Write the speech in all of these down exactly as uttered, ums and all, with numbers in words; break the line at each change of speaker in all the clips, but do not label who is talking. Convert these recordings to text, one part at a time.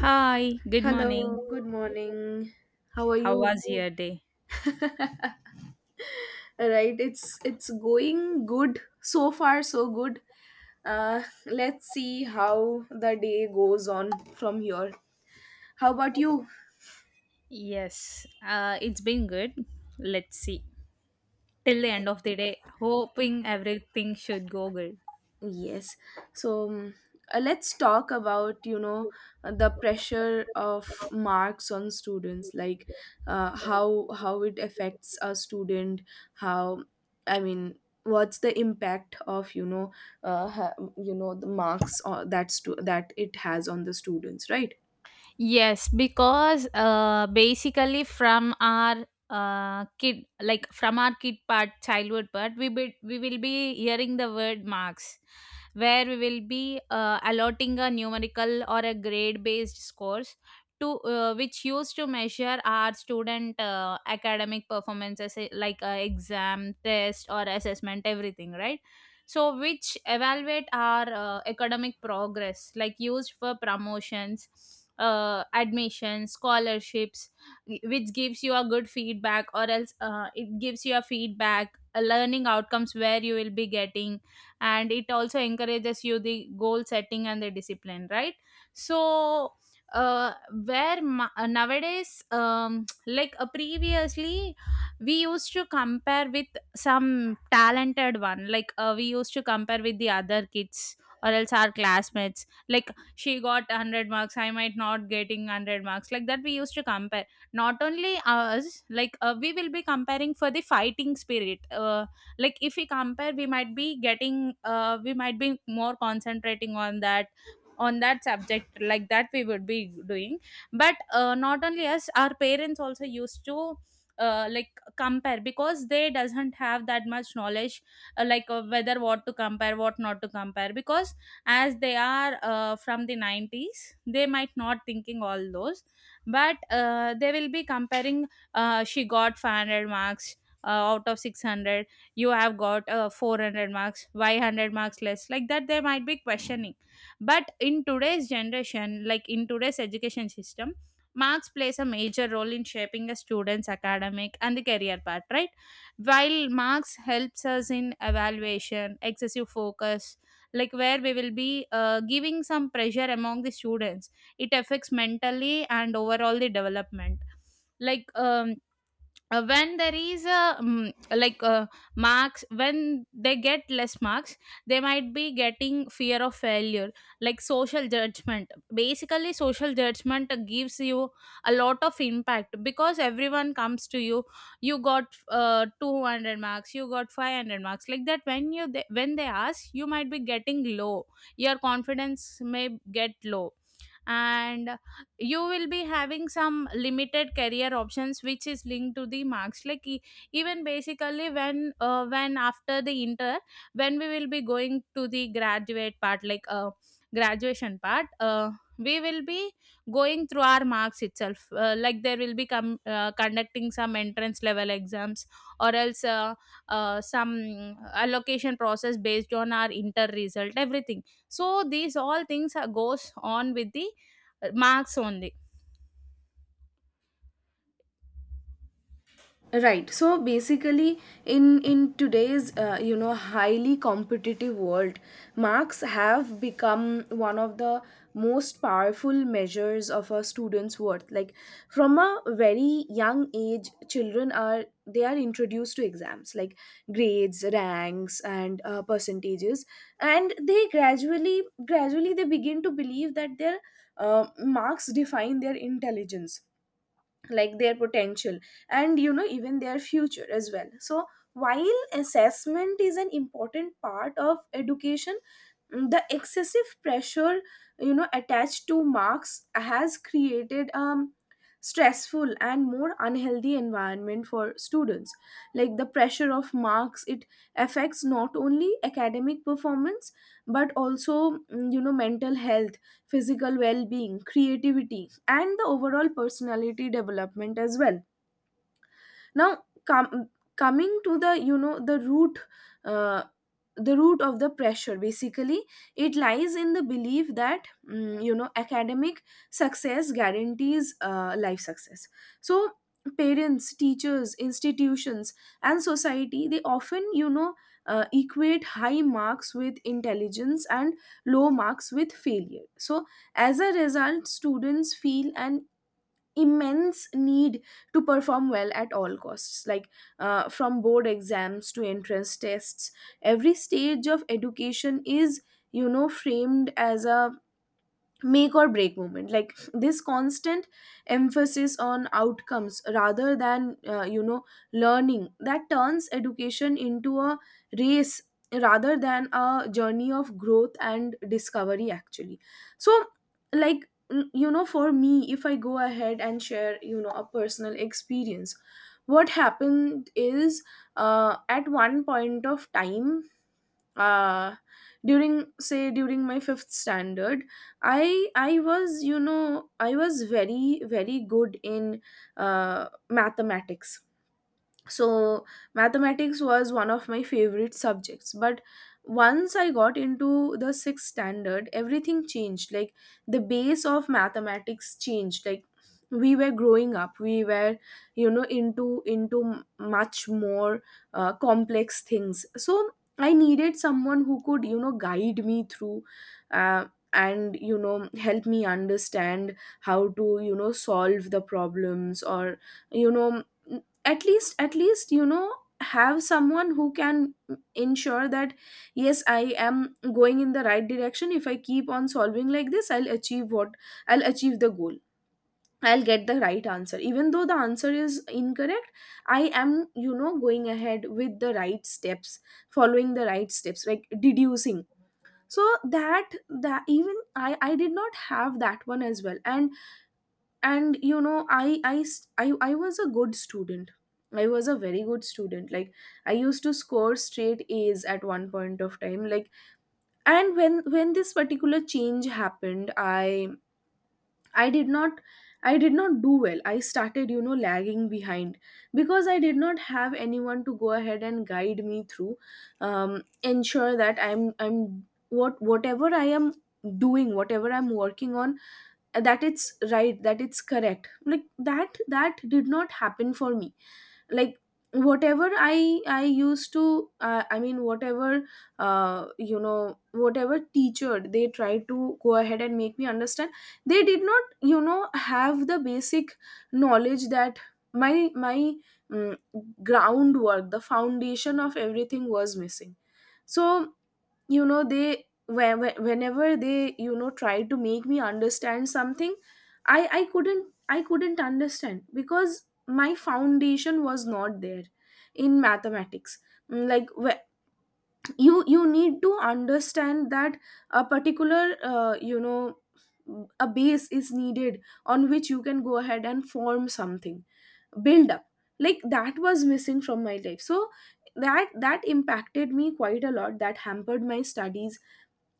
Hi, good morning.
Hello, good morning. How are
How
you?
was Hey. Your day?
Right, it's it's going good so far, so good. Uh, let's see how the day goes on from here. How about you?
Yes, uh, it's been good. Let's see. Till the end of the day, hoping everything should go good.
Yes. So um, uh, let's talk about, you know, uh, the pressure of marks on students, like, uh, how how it affects a student, how I mean, what's the impact of, you know, uh, ha- you know, the marks or that stu- that it has on the students, right?
Yes, because uh, basically from our uh, kid, like from our kid part, childhood part, we be, we will be hearing the word marks, where we will be uh, allotting a numerical or a grade based scores to uh, which used to measure our student uh, academic performances, eh, like uh, exam, test, or assessment, everything, right? So which evaluate our uh, academic progress, like used for promotions, uh, admissions, scholarships, which gives you a good feedback or else uh, it gives you a feedback, uh, learning outcomes where you will be getting, and it also encourages you the goal setting and the discipline, right? So uh, where ma- uh, nowadays, um, like uh, previously we used to compare with some talented one. Like uh, we used to compare with the other kids or else our classmates. Like she got one hundred marks, I might not getting one hundred marks. Like that we used to compare. Not only us, like uh, we will be comparing for the fighting spirit. Uh, like if we compare, we might be getting, uh, we might be more concentrating on that, on that subject, like that we would be doing. But uh, not only us, our parents also used to uh, like compare because they doesn't have that much knowledge, uh, like uh, whether what to compare what not to compare, because as they are uh, from the nineties, they might not thinking all those. But uh, they will be comparing, uh, she got five hundred marks uh, out of six hundred, you have got uh, four hundred marks, why one hundred marks less, like that they might be questioning. But in today's generation, like in today's education system, marks plays a major role in shaping a student's academic and the career path, right? While marks helps us in evaluation, excessive focus, like where we will be uh, giving some pressure among the students, it affects mentally and overall the development. Like um, uh, when there is a mm, like uh, marks, when they get less marks, they might be getting fear of failure, like social judgment. Basically social judgment gives you a lot of impact because everyone comes to you, you got uh, two hundred marks, you got five hundred marks, like that, when you they, when they ask, you might be getting low, your confidence may get low, and you will be having some limited career options which is linked to the marks, like e- even basically when uh, when after the inter, when we will be going to the graduate part, like uh, graduation part, uh, we will be going through our marks itself, uh, like there will be com- uh, conducting some entrance level exams or else uh, uh, some allocation process based on our inter result, everything, so these all things are goes on with the uh, marks only.
Right, so basically, in in today's, uh, you know highly competitive world, marks have become one of the most powerful measures of a student's worth. Like, from a very young age, children are they are introduced to exams, like grades, ranks, and uh, percentages. And they gradually gradually they begin to believe that their uh, marks define their intelligence, like their potential, and, you know, even their future as well. So while assessment is an important part of education, mm, the excessive pressure, you know, attached to marks has created um stressful and more unhealthy environment for students. Like, the pressure of marks, it affects not only academic performance but also, mm, you know, mental health, physical well being, creativity, and the overall personality development as well. Now, com- coming to the, you know, the root, uh, the root of the pressure. Basically, it lies in the belief that, mm, you know, academic success guarantees uh, life success. So parents, teachers, institutions, and society, they often, you know, uh, equate high marks with intelligence and low marks with failure. So, as a result, students feel an immense need to perform well at all costs. Like, uh, from board exams to entrance tests, every stage of education is, you know, framed as a make or break moment. Like, this constant emphasis on outcomes rather than, uh, you know learning, that turns education into a race rather than a journey of growth and discovery, actually. So, like, n- you know for me, if I go ahead and share, you know, a personal experience, what happened is, uh, at one point of time, uh during say during my fifth standard, i i was you know i was very very good in uh mathematics. So mathematics was one of my favorite subjects, but once I got into the sixth standard, everything changed. Like, the base of mathematics changed. Like, we were growing up, we were, you know into into much more uh, complex things. So I needed someone who could, you know, guide me through, uh, and, you know, help me understand how to, you know solve the problems, or, you know, at least at least, you know, have someone who can ensure that, yes, I am going in the right direction. If I keep on solving like this, I'll achieve what, I'll achieve the goal, I'll get the right answer. Even though the answer is incorrect, I am, you know, going ahead with the right steps, following the right steps, like, deducing. So that that even i i did not have that one as well. And and, you know, I, I s- I- I was a good student. I was a very good student. Like, I used to score straight a's at one point of time. Like, and when when this particular change happened, i i did not i did not do well. I started, you know lagging behind because I did not have anyone to go ahead and guide me through, um ensure that, I'm I'm what whatever I am doing, whatever I'm working on, that it's right, that it's correct. Like, that that did not happen for me. Like, whatever i i used to, uh, I mean, whatever uh, you know whatever teacher they tried to go ahead and make me understand, they did not, you know have the basic knowledge that my my mm, groundwork, the foundation of everything was missing. So, you know, they, whe- whe- whenever they, you know try to make me understand something, i i couldn't i couldn't understand because my foundation was not there in mathematics. Mm, like wh- you you need to understand that a particular, uh, you know a base is needed on which you can go ahead and form something, build up. Like, that was missing from my life. So that that impacted me quite a lot. That hampered my studies.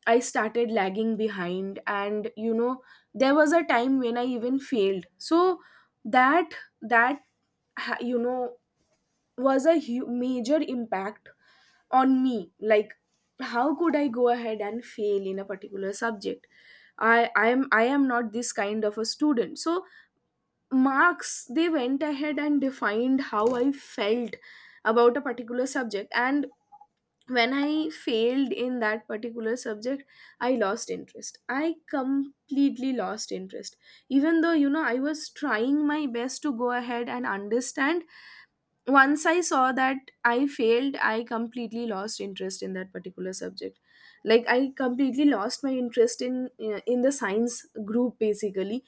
I started lagging behind, and, you know, there was a time when I even failed. So that that ha- you know was a hu- major impact on me. Like, how could I go ahead and fail in a particular subject? I I am I am not this kind of a student. So marks, they went ahead and defined how I felt about a particular subject, and when I failed in that particular subject, I lost interest. I completely lost interest. Even though, you know, I was trying my best to go ahead and understand, once I saw that I failed, I completely lost interest in that particular subject. Like, I completely lost my interest in, uh, in the science group, basically,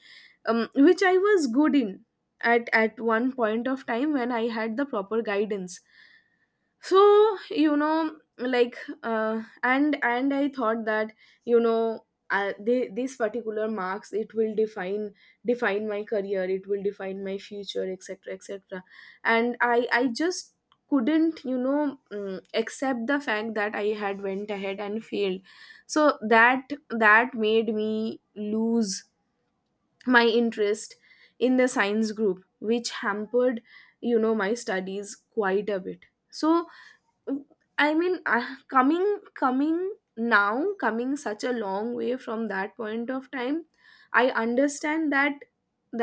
um, which I was good in at, at one point of time when I had the proper guidance. So, you know, like, uh, and and I thought that, you know, uh, they, these particular marks, it will define define my career, it will define my future, etc, etc. And i i just couldn't, you know mm, accept the fact that I had went ahead and failed. So that that made me lose my interest in the science group, which hampered, you know, my studies quite a bit. So, I mean, I- coming coming now, coming such a long way from that point of time, I understand that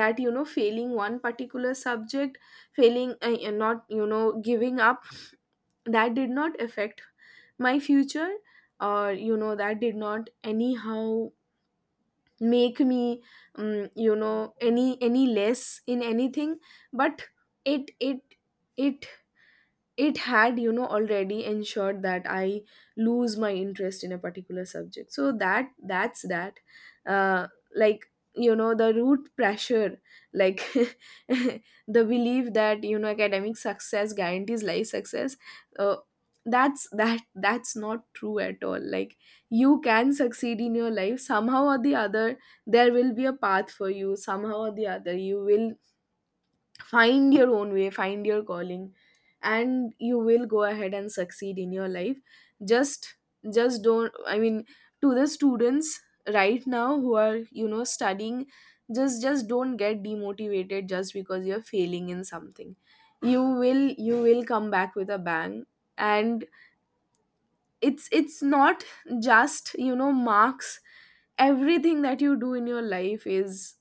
that you know failing one particular subject, failing, uh, uh, not, you know giving up, that did not affect my future, or, you know, that did not anyhow make me, um, you know any any less in anything. But it it it it had, you know, already ensured that I lose my interest in a particular subject. So that that's that. uh, like, you know, the root pressure, like, the belief that, you know academic success guarantees life success. uh, that's that that's not true at all. Like, you can succeed in your life somehow or the other. There will be a path for you somehow or the other. You will find your own way, find your calling, and you will go ahead and succeed in your life. Just just don't i mean to the students right now who are, you know studying, just just don't get demotivated just because you're failing in something. You will you will come back with a bang. And it's it's not just, you know, marks. Everything that you do in your life is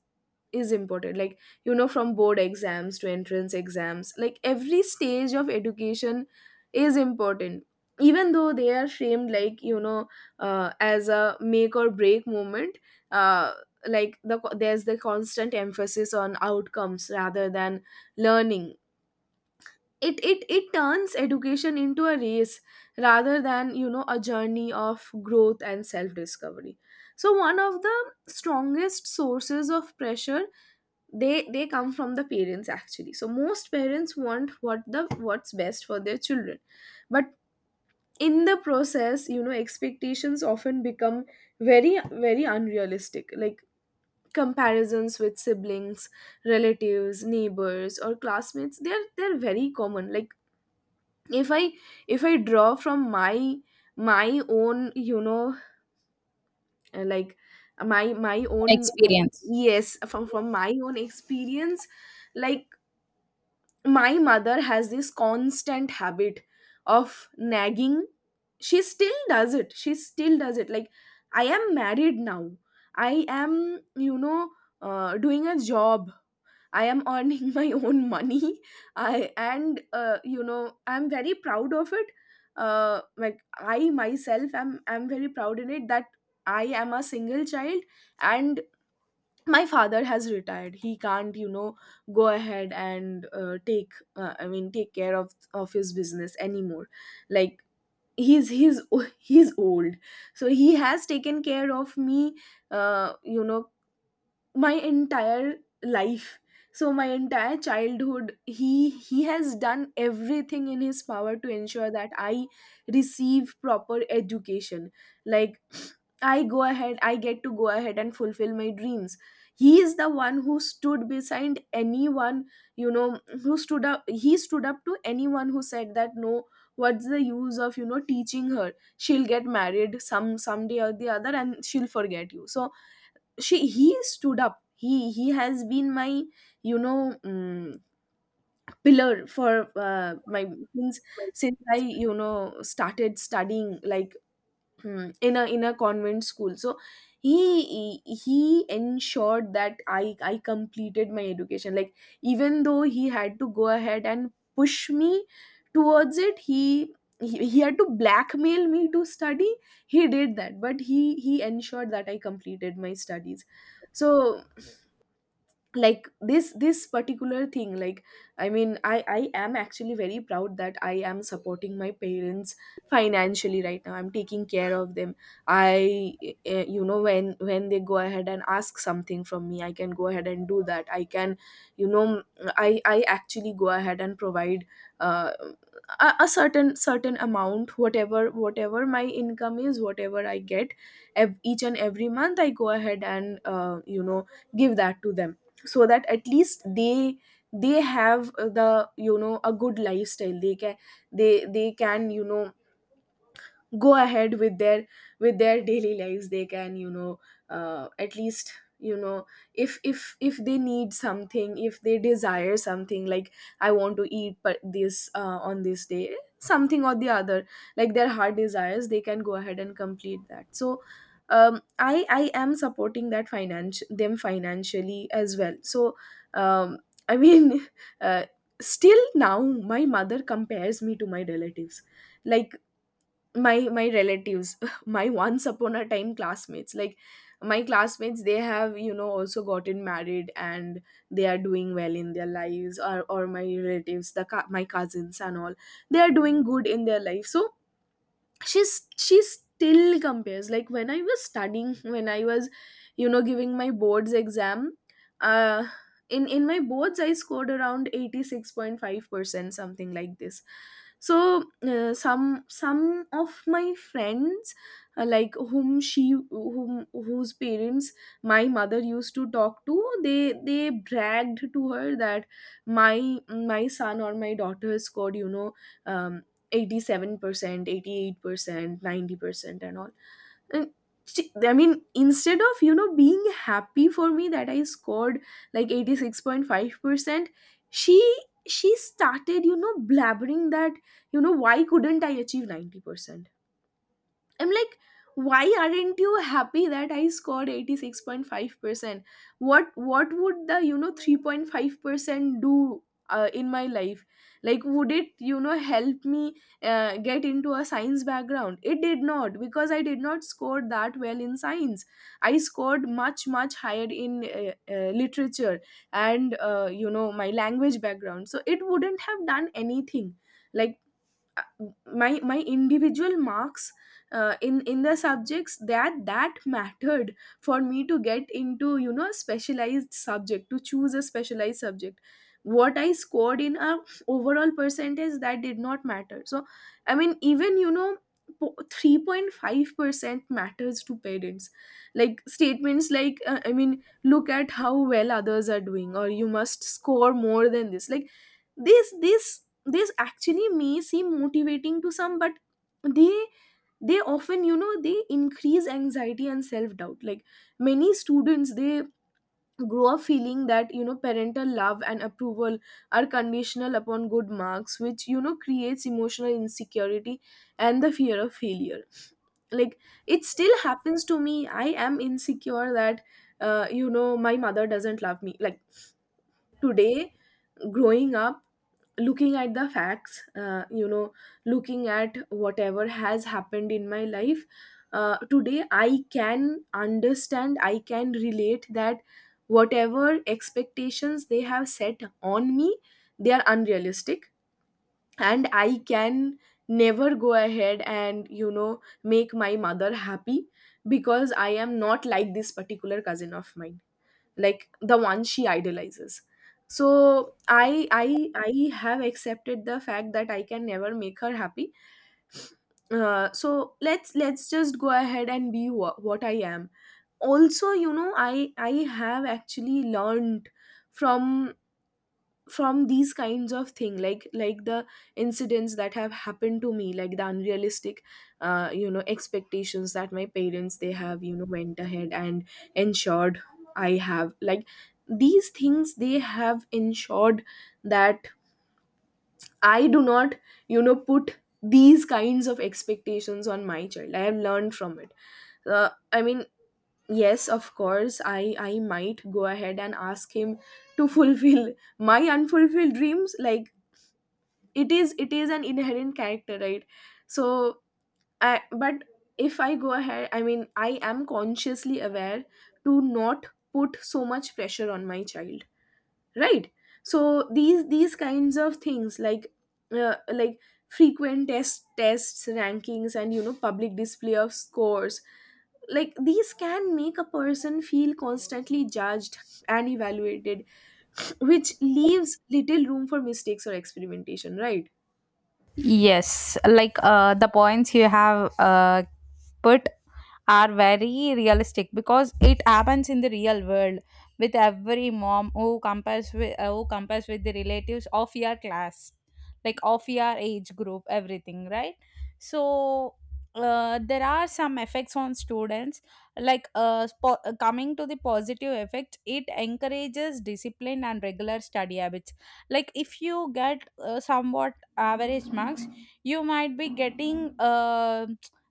is important. Like, you know, from board exams to entrance exams, like, every stage of education is important, even though they are framed, like, you know, uh, as a make or break moment. Uh, like the there's the constant emphasis on outcomes rather than learning. It it it turns education into a race rather than, you know a journey of growth and self discovery. So, one of the strongest sources of pressure, they they come from the parents. Actually, so, most parents want what the, what's best for their children. But in the process, you know, expectations often become very very unrealistic. Like, comparisons with siblings, relatives, neighbors, or classmates, they're they're very common. Like, if i if i draw from my my own, you know uh, like, uh, my my own.
Experience.
Yes, from from my own experience. Like, my mother has this constant habit of nagging. She still does it. She still does it. Like, I am married now. I am, you know uh, doing a job. I am earning my own money. I and uh, you know I'm very proud of it. Uh, like, I myself am I'm very proud in it that I am a single child. And my father has retired. He can't, you know go ahead and uh, take uh, I mean, take care of of his business anymore. Like he's he's he's old, so he has taken care of me uh, you know my entire life. So my entire childhood he he has done everything in his power to ensure that I receive proper education, like i go ahead I get to go ahead and fulfill my dreams. He is the one who stood beside anyone, you know who stood up. He stood up to anyone who said that, no, what's the use of you know teaching her? She'll get married some someday or the other, and she'll forget you. So she he stood up. He he has been my you know um, pillar for uh, my since since I you know started studying, like, hmm, in a in a convent school. So he he ensured that i i completed my education, like, even though he had to go ahead and push me towards it, he he, he had to blackmail me to study. He did that, but he he ensured that I completed my studies. So, like, this this particular thing, like, I mean, i i am actually very proud that I am supporting my parents financially. Right now I'm taking care of them. I, eh, you know when when they go ahead and ask something from me, I can go ahead and do that. I can, you know i i actually go ahead and provide uh, a, a certain certain amount, whatever whatever my income is, whatever I get ev- each and every month, I go ahead and, uh, you know give that to them, so that at least they they have, uh, the you know a good lifestyle. They can, they they can, you know go ahead with their with their daily lives. They can, you know uh, at least, you know if if if they need something, if they desire something, like, I want to eat but this, uh, on this day, something or the other, like their heart desires, they can go ahead and complete that. So, um, i i am supporting that, finance them financially as well. So, um, I mean, uh, still now my mother compares me to my relatives, like, my my relatives, my once upon a time classmates. Like, my classmates, they have, you know also gotten married, and they are doing well in their lives, or or my relatives, the cou- my cousins and all, they are doing good in their life. So she's she still compares. Like, when I was studying, when I was, you know giving my boards exam, uh in in my boards, I scored around eighty six point five percent, something like this. So uh, some some of my friends, uh, like, whom she whom whose parents my mother used to talk to, they they bragged to her that my my son or my daughter scored, you know um eighty seven percent, eighty eight percent, ninety percent, and all. And she, I mean, instead of, you know being happy for me that I scored like eighty six point five percent, she she started, you know blabbering that, you know why couldn't I achieve ninety percent. I'm like, why aren't you happy that I scored eighty six point five percent? What what would the, you know, three point five percent do, uh, in my life? Like, would it, you know, help me, uh, get into a science background? It did not because I did not score that well in science. I scored much, much higher in uh, uh, literature and, uh, you know, my language background. So it wouldn't have done anything. Like, my my individual marks, uh, in in the subjects that that mattered for me to get into, you know specialized subject, to choose a specialized subject, what I scored in a overall percentage, that did not matter. So, I mean, even, you know po- three point five percent matters to parents. Like, statements like, uh, I mean, look at how well others are doing, or you must score more than this. Like, this this this actually may seem motivating to some, but they they often, you know they increase anxiety and self doubt. Like, many students, they grow up feeling that, you know parental love and approval are conditional upon good marks, which, you know creates emotional insecurity and the fear of failure. Like, it still happens to me. I am insecure that, uh, you know my mother doesn't love me. Like, today, growing up, looking at the facts, uh, you know looking at whatever has happened in my life, uh, today I can understand, I can relate that whatever expectations they have set on me, they are unrealistic. And I can never go ahead and, you know make my mother happy, because I am not like this particular cousin of mine, like the one she idolizes. So i i i have accepted the fact that I can never make her happy. Uh, so let's let's just go ahead and be wha- what I am. Also, you know i i have actually learned from from these kinds of thing, like, like the incidents that have happened to me, like the unrealistic, uh, you know expectations that my parents, they have, you know went ahead and ensured I have, like, these things, they have ensured that I do not, you know put these kinds of expectations on my child. I have learned from it. uh, I mean, yes, of course, i i might go ahead and ask him to fulfill my unfulfilled dreams. Like, it is it is an inherent character, right? So I, but if I go ahead, I mean, I am consciously aware to not put so much pressure on my child, right. So, these these kinds of things, like, uh, like frequent test tests, rankings, and, you know public display of scores, like these can make a person feel constantly judged and evaluated, which leaves little room for mistakes or experimentation, right.
Yes, like uh, the points you have uh, put are very realistic because it happens in the real world with every mom who compares with uh, who compares with the relatives of your class, like of your age group, everything, right? So uh, there are some effects on students, like uh, spo- uh, coming to the positive effects, it encourages discipline and regular study habits. Like if you get uh, somewhat average marks, you might be getting uh,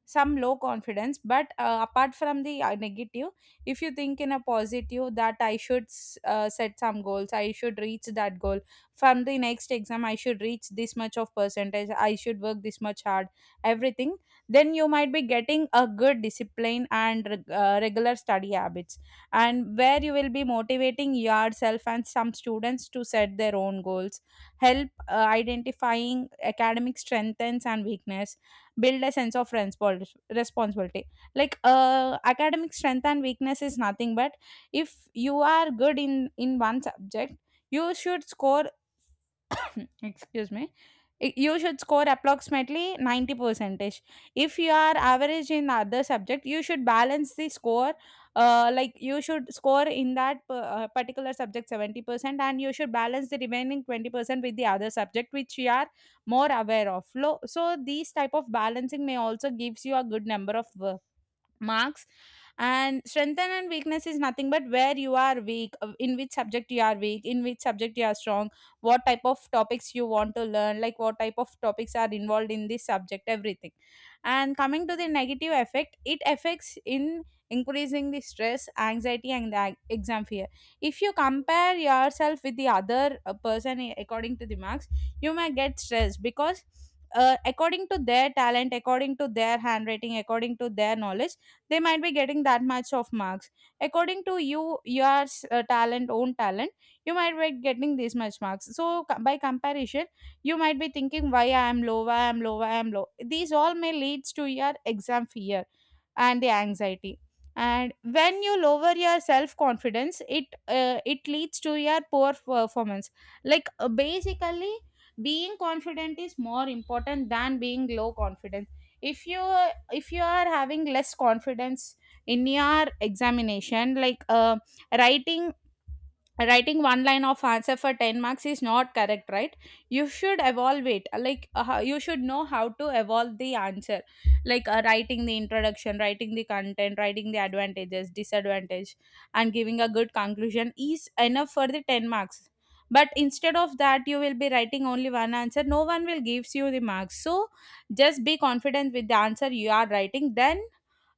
some low confidence, but uh, apart from the uh, negative, if you think in a positive that I should s- uh, set some goals, I should reach that goal, from the next exam I should reach this much of percentage, I should work this much hard, everything, then you might be getting a good discipline and reg- uh, regular study habits, and where you will be motivating yourself and some students to set their own goals, help uh, identifying academic strengths and weakness, build a sense of respons- responsibility. Like uh, academic strength and weakness is nothing but, if you are good in in one subject, you should score excuse me, I- you should score approximately ninety percentage. If you are average in other subject, you should balance the score, uh, like you should score in that p- uh, particular subject seventy percent and you should balance the remaining twenty percent with the other subject which you are more aware of. Lo- so these type of balancing may also gives you a good number of work marks. And strength and weakness is nothing but where you are weak, uh, in which subject you are weak, in which subject you are strong, what type of topics you want to learn, like what type of topics are involved in this subject, everything. And coming to the negative effect, it affects in increasing the stress, anxiety and the ag- exam fear. If you compare yourself with the other uh, person, i- according to the marks, you may get stressed because uh, according to their talent, according to their handwriting, according to their knowledge, they might be getting that much of marks. According to you, your uh, talent, own talent, you might be getting this much marks, so co- by comparison you might be thinking why I am low, why I am low, why I am low. These all may leads to your exam fear and the anxiety. And when you lower your self confidence, it uh, it leads to your poor performance. Like uh, basically being confident is more important than being low confident. if you if you are having less confidence in your examination, like uh, writing writing one line of answer for ten marks is not correct, right? You should evolve it, like uh, how- you should know how to evolve the answer, like uh, writing the introduction, writing the content, writing the advantages, disadvantage, and giving a good conclusion is enough for the ten marks. But instead of that you will be writing only one answer, no one will gives you the marks, so just be confident with the answer you are writing, then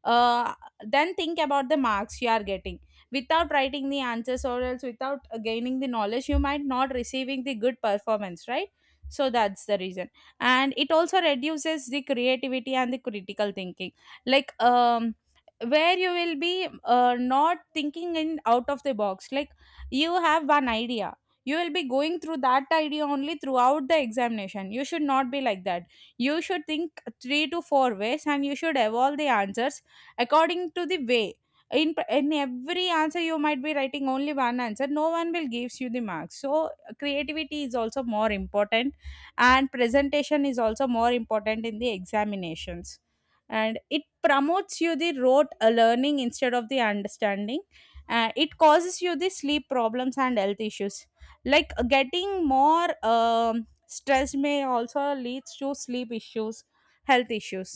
uh, then think about the marks you are getting. Without writing the answers or else without uh, gaining the knowledge, you might not receiving the good performance, right? So that's the reason. And it also reduces the creativity and the critical thinking. Like um where you will be uh, not thinking in out of the box. Like you have one idea, you will be going through that idea only throughout the examination, you should not be like that. You should think three to four ways and you should evolve the answers according to the way. In pr- in every answer you might be writing only one answer, no one will gives you the marks, so creativity is also more important, and presentation is also more important in the examinations. And it promotes you the rote uh, learning instead of the understanding. Uh, it causes you the sleep problems and health issues. Like uh, getting more um, stress may also leads to sleep issues, health issues,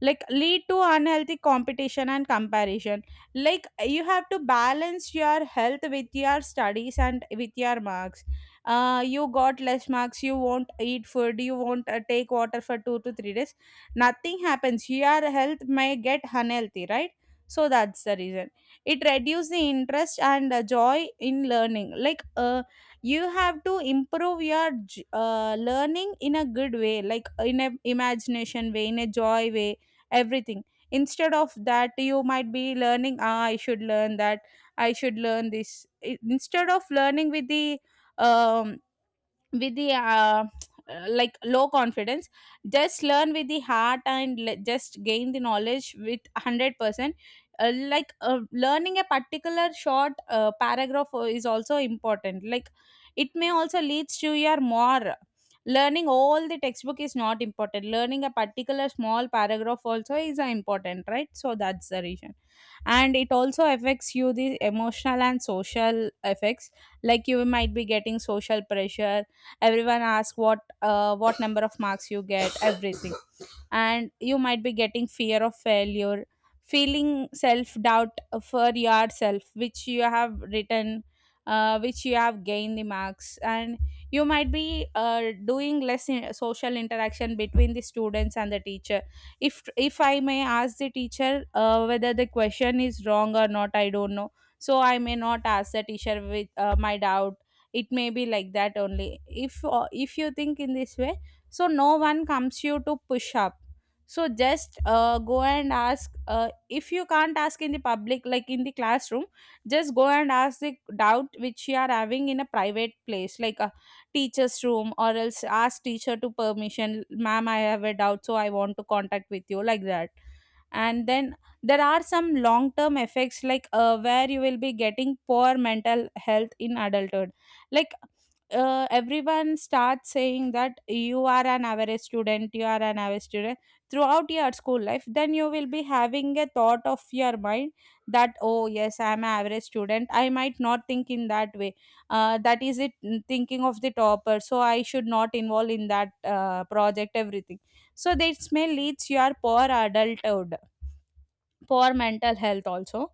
like lead to unhealthy competition and comparison. Like you have to balance your health with your studies and with your marks. Uh, you got less marks, you won't eat food, you won't uh, take water for two to three days, nothing happens, your health may get unhealthy, right? So that's the reason. It reduces the interest and uh, joy in learning, like uh, you have to improve your j- uh, learning in a good way, like in a imagination way, in a joy way, everything. Instead of that you might be learning, ah, I should learn that, I should learn this. I- instead of learning with the um with the uh, uh, like low confidence, just learn with the heart and le- just gain the knowledge with one hundred percent. Uh, like uh, learning a particular short uh, paragraph uh, is also important, like it may also leads to your more learning. All the textbook is not important, learning a particular small paragraph also is uh, important, right? So that's the reason. And it also affects you the emotional and social effects, like you might be getting social pressure, everyone asks what, uh, what number of marks you get, everything. And you might be getting fear of failure, feeling self doubt for yourself which you have written, uh, which you have gained the marks. And you might be uh, doing less in social interaction between the students and the teacher. If if I may ask the teacher uh, whether the question is wrong or not, I don't know, so I may not ask the teacher with uh, my doubt. It may be like that only, if uh, if you think in this way. So no one comes you to push up, so just uh, go and ask. Uh, if you can't ask in the public like in the classroom, just go and ask the doubt which You are having in a private place like a teacher's room, or else ask teacher to permission, ma'am, I have a doubt so I want to contact with you like that. And then there are some long term effects like, uh, where you will be getting poor mental health in adulthood. Like uh, everyone starts saying that you are an average student, you are an average student throughout your school life, then you will be having a thought of your mind that oh yes, I am an average student, I might not think in that way. Uh, that is it, mm, thinking of the topper, so I should not involve in that uh, project everything. So this may leads your poor adulthood for mental health also,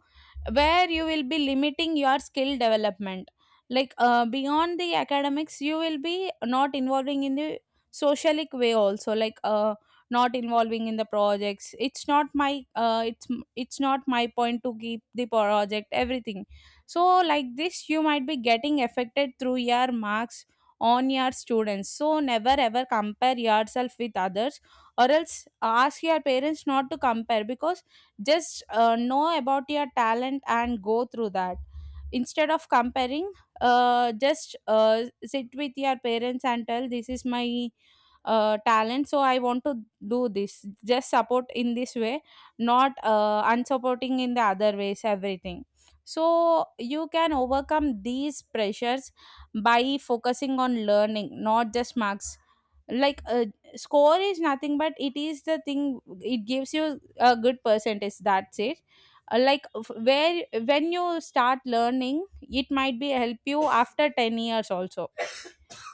where you will be limiting your skill development, like, uh, beyond the academics you will be not involving in the socialic way also, like, uh, not involving in the projects. it's not my uh, it's it's not my point to keep the project everything. So like this you might be getting affected through your marks on your students, so never ever compare yourself with others, or else ask your parents not to compare, because just, uh, know about your talent and go through that instead of comparing. Uh, just uh, Sit with your parents and tell this is my uh, talent, so I want to do this, just support in this way, not uh, unsupporting in the other ways everything. So you can overcome these pressures by focusing on learning, not just marks. Like, uh, score is nothing but it is the thing, it gives you a good percentage, that's it. Uh, like f- where when you start learning, it might be help you after ten years also.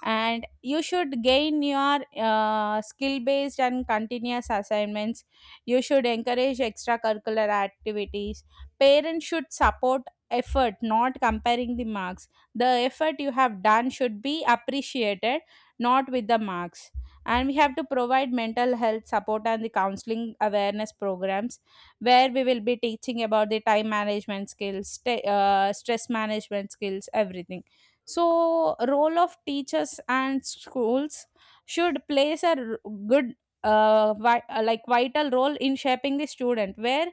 And you should gain your uh, skill based and continuous assignments, you should encourage extracurricular activities, parents should support effort, not comparing the marks. The effort you have done should be appreciated, not with the marks. And we have to provide mental health support and the counseling awareness programs, where we will be teaching about the time management skills, sta- uh, stress management skills everything. So role of teachers and schools should plays a r- good uh, vi- uh, like vital role in shaping the student, where,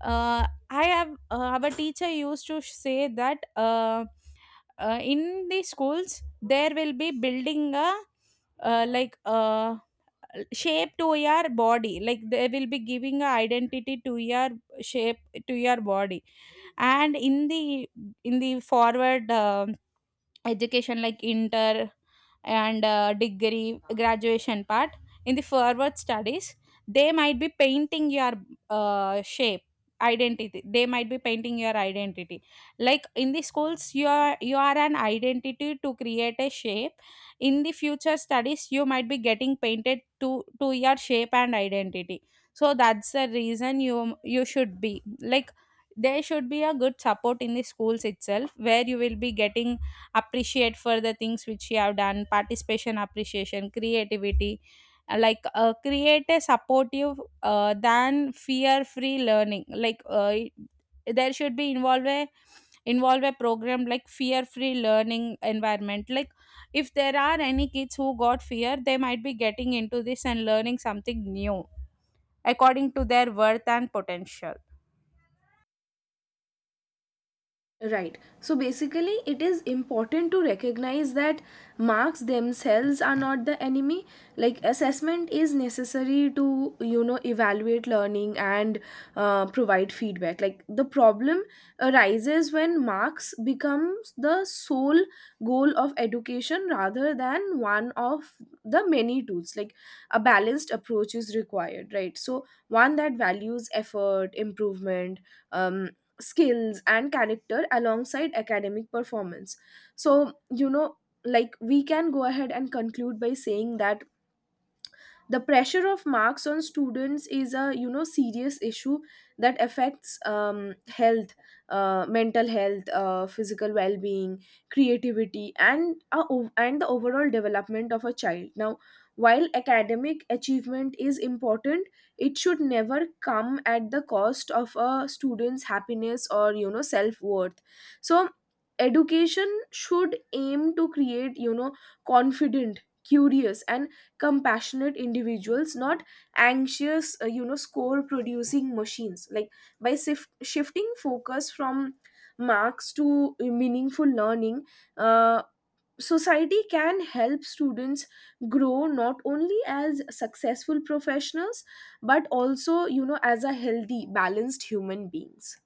uh, I have uh, our teacher used to say that, uh, uh, in the schools there will be building a, uh, like uh, shape to your body, like they will be giving a identity to your shape to your body. And in the in the forward um education, like inter and uh, degree graduation part, in the forward studies they might be painting your uh, shape identity, they might be painting your identity. Like in the schools you are, you are an identity to create a shape, in the future studies you might be getting painted to to your shape and identity. So that's the reason you you should be like, there should be a good support in the schools itself, where you will be getting appreciate for the things which you have done, participation, appreciation, creativity. Uh, like uh, create a supportive uh, than fear free learning, like, uh, there should be involve a involve a program like fear free learning environment. Like if there are any kids who got fear, they might be getting into this and learning something new according to their worth and potential.
Right. So basically, it is important to recognize that marks themselves are not the enemy. Like, assessment is necessary to, you know evaluate learning and, uh, provide feedback. Like, the problem arises when marks becomes the sole goal of education rather than one of the many tools. Like, a balanced approach is required. Right. So, one that values effort, improvement. Um, Skills and character alongside academic performance. So, you know like, we can go ahead and conclude by saying that the pressure of marks on students is a, you know serious issue that affects, um, health, uh, mental health, uh, physical well-being, creativity, and uh, and the overall development of a child. Now, while academic achievement is important, it should never come at the cost of a student's happiness or, you know self-worth. So education should aim to create, you know confident, curious, and compassionate individuals, not anxious, uh, you know score producing machines. Like, by sif- shifting focus from marks to meaningful learning, uh, society can help students grow not only as successful professionals, but also, you know as a healthy balanced human beings.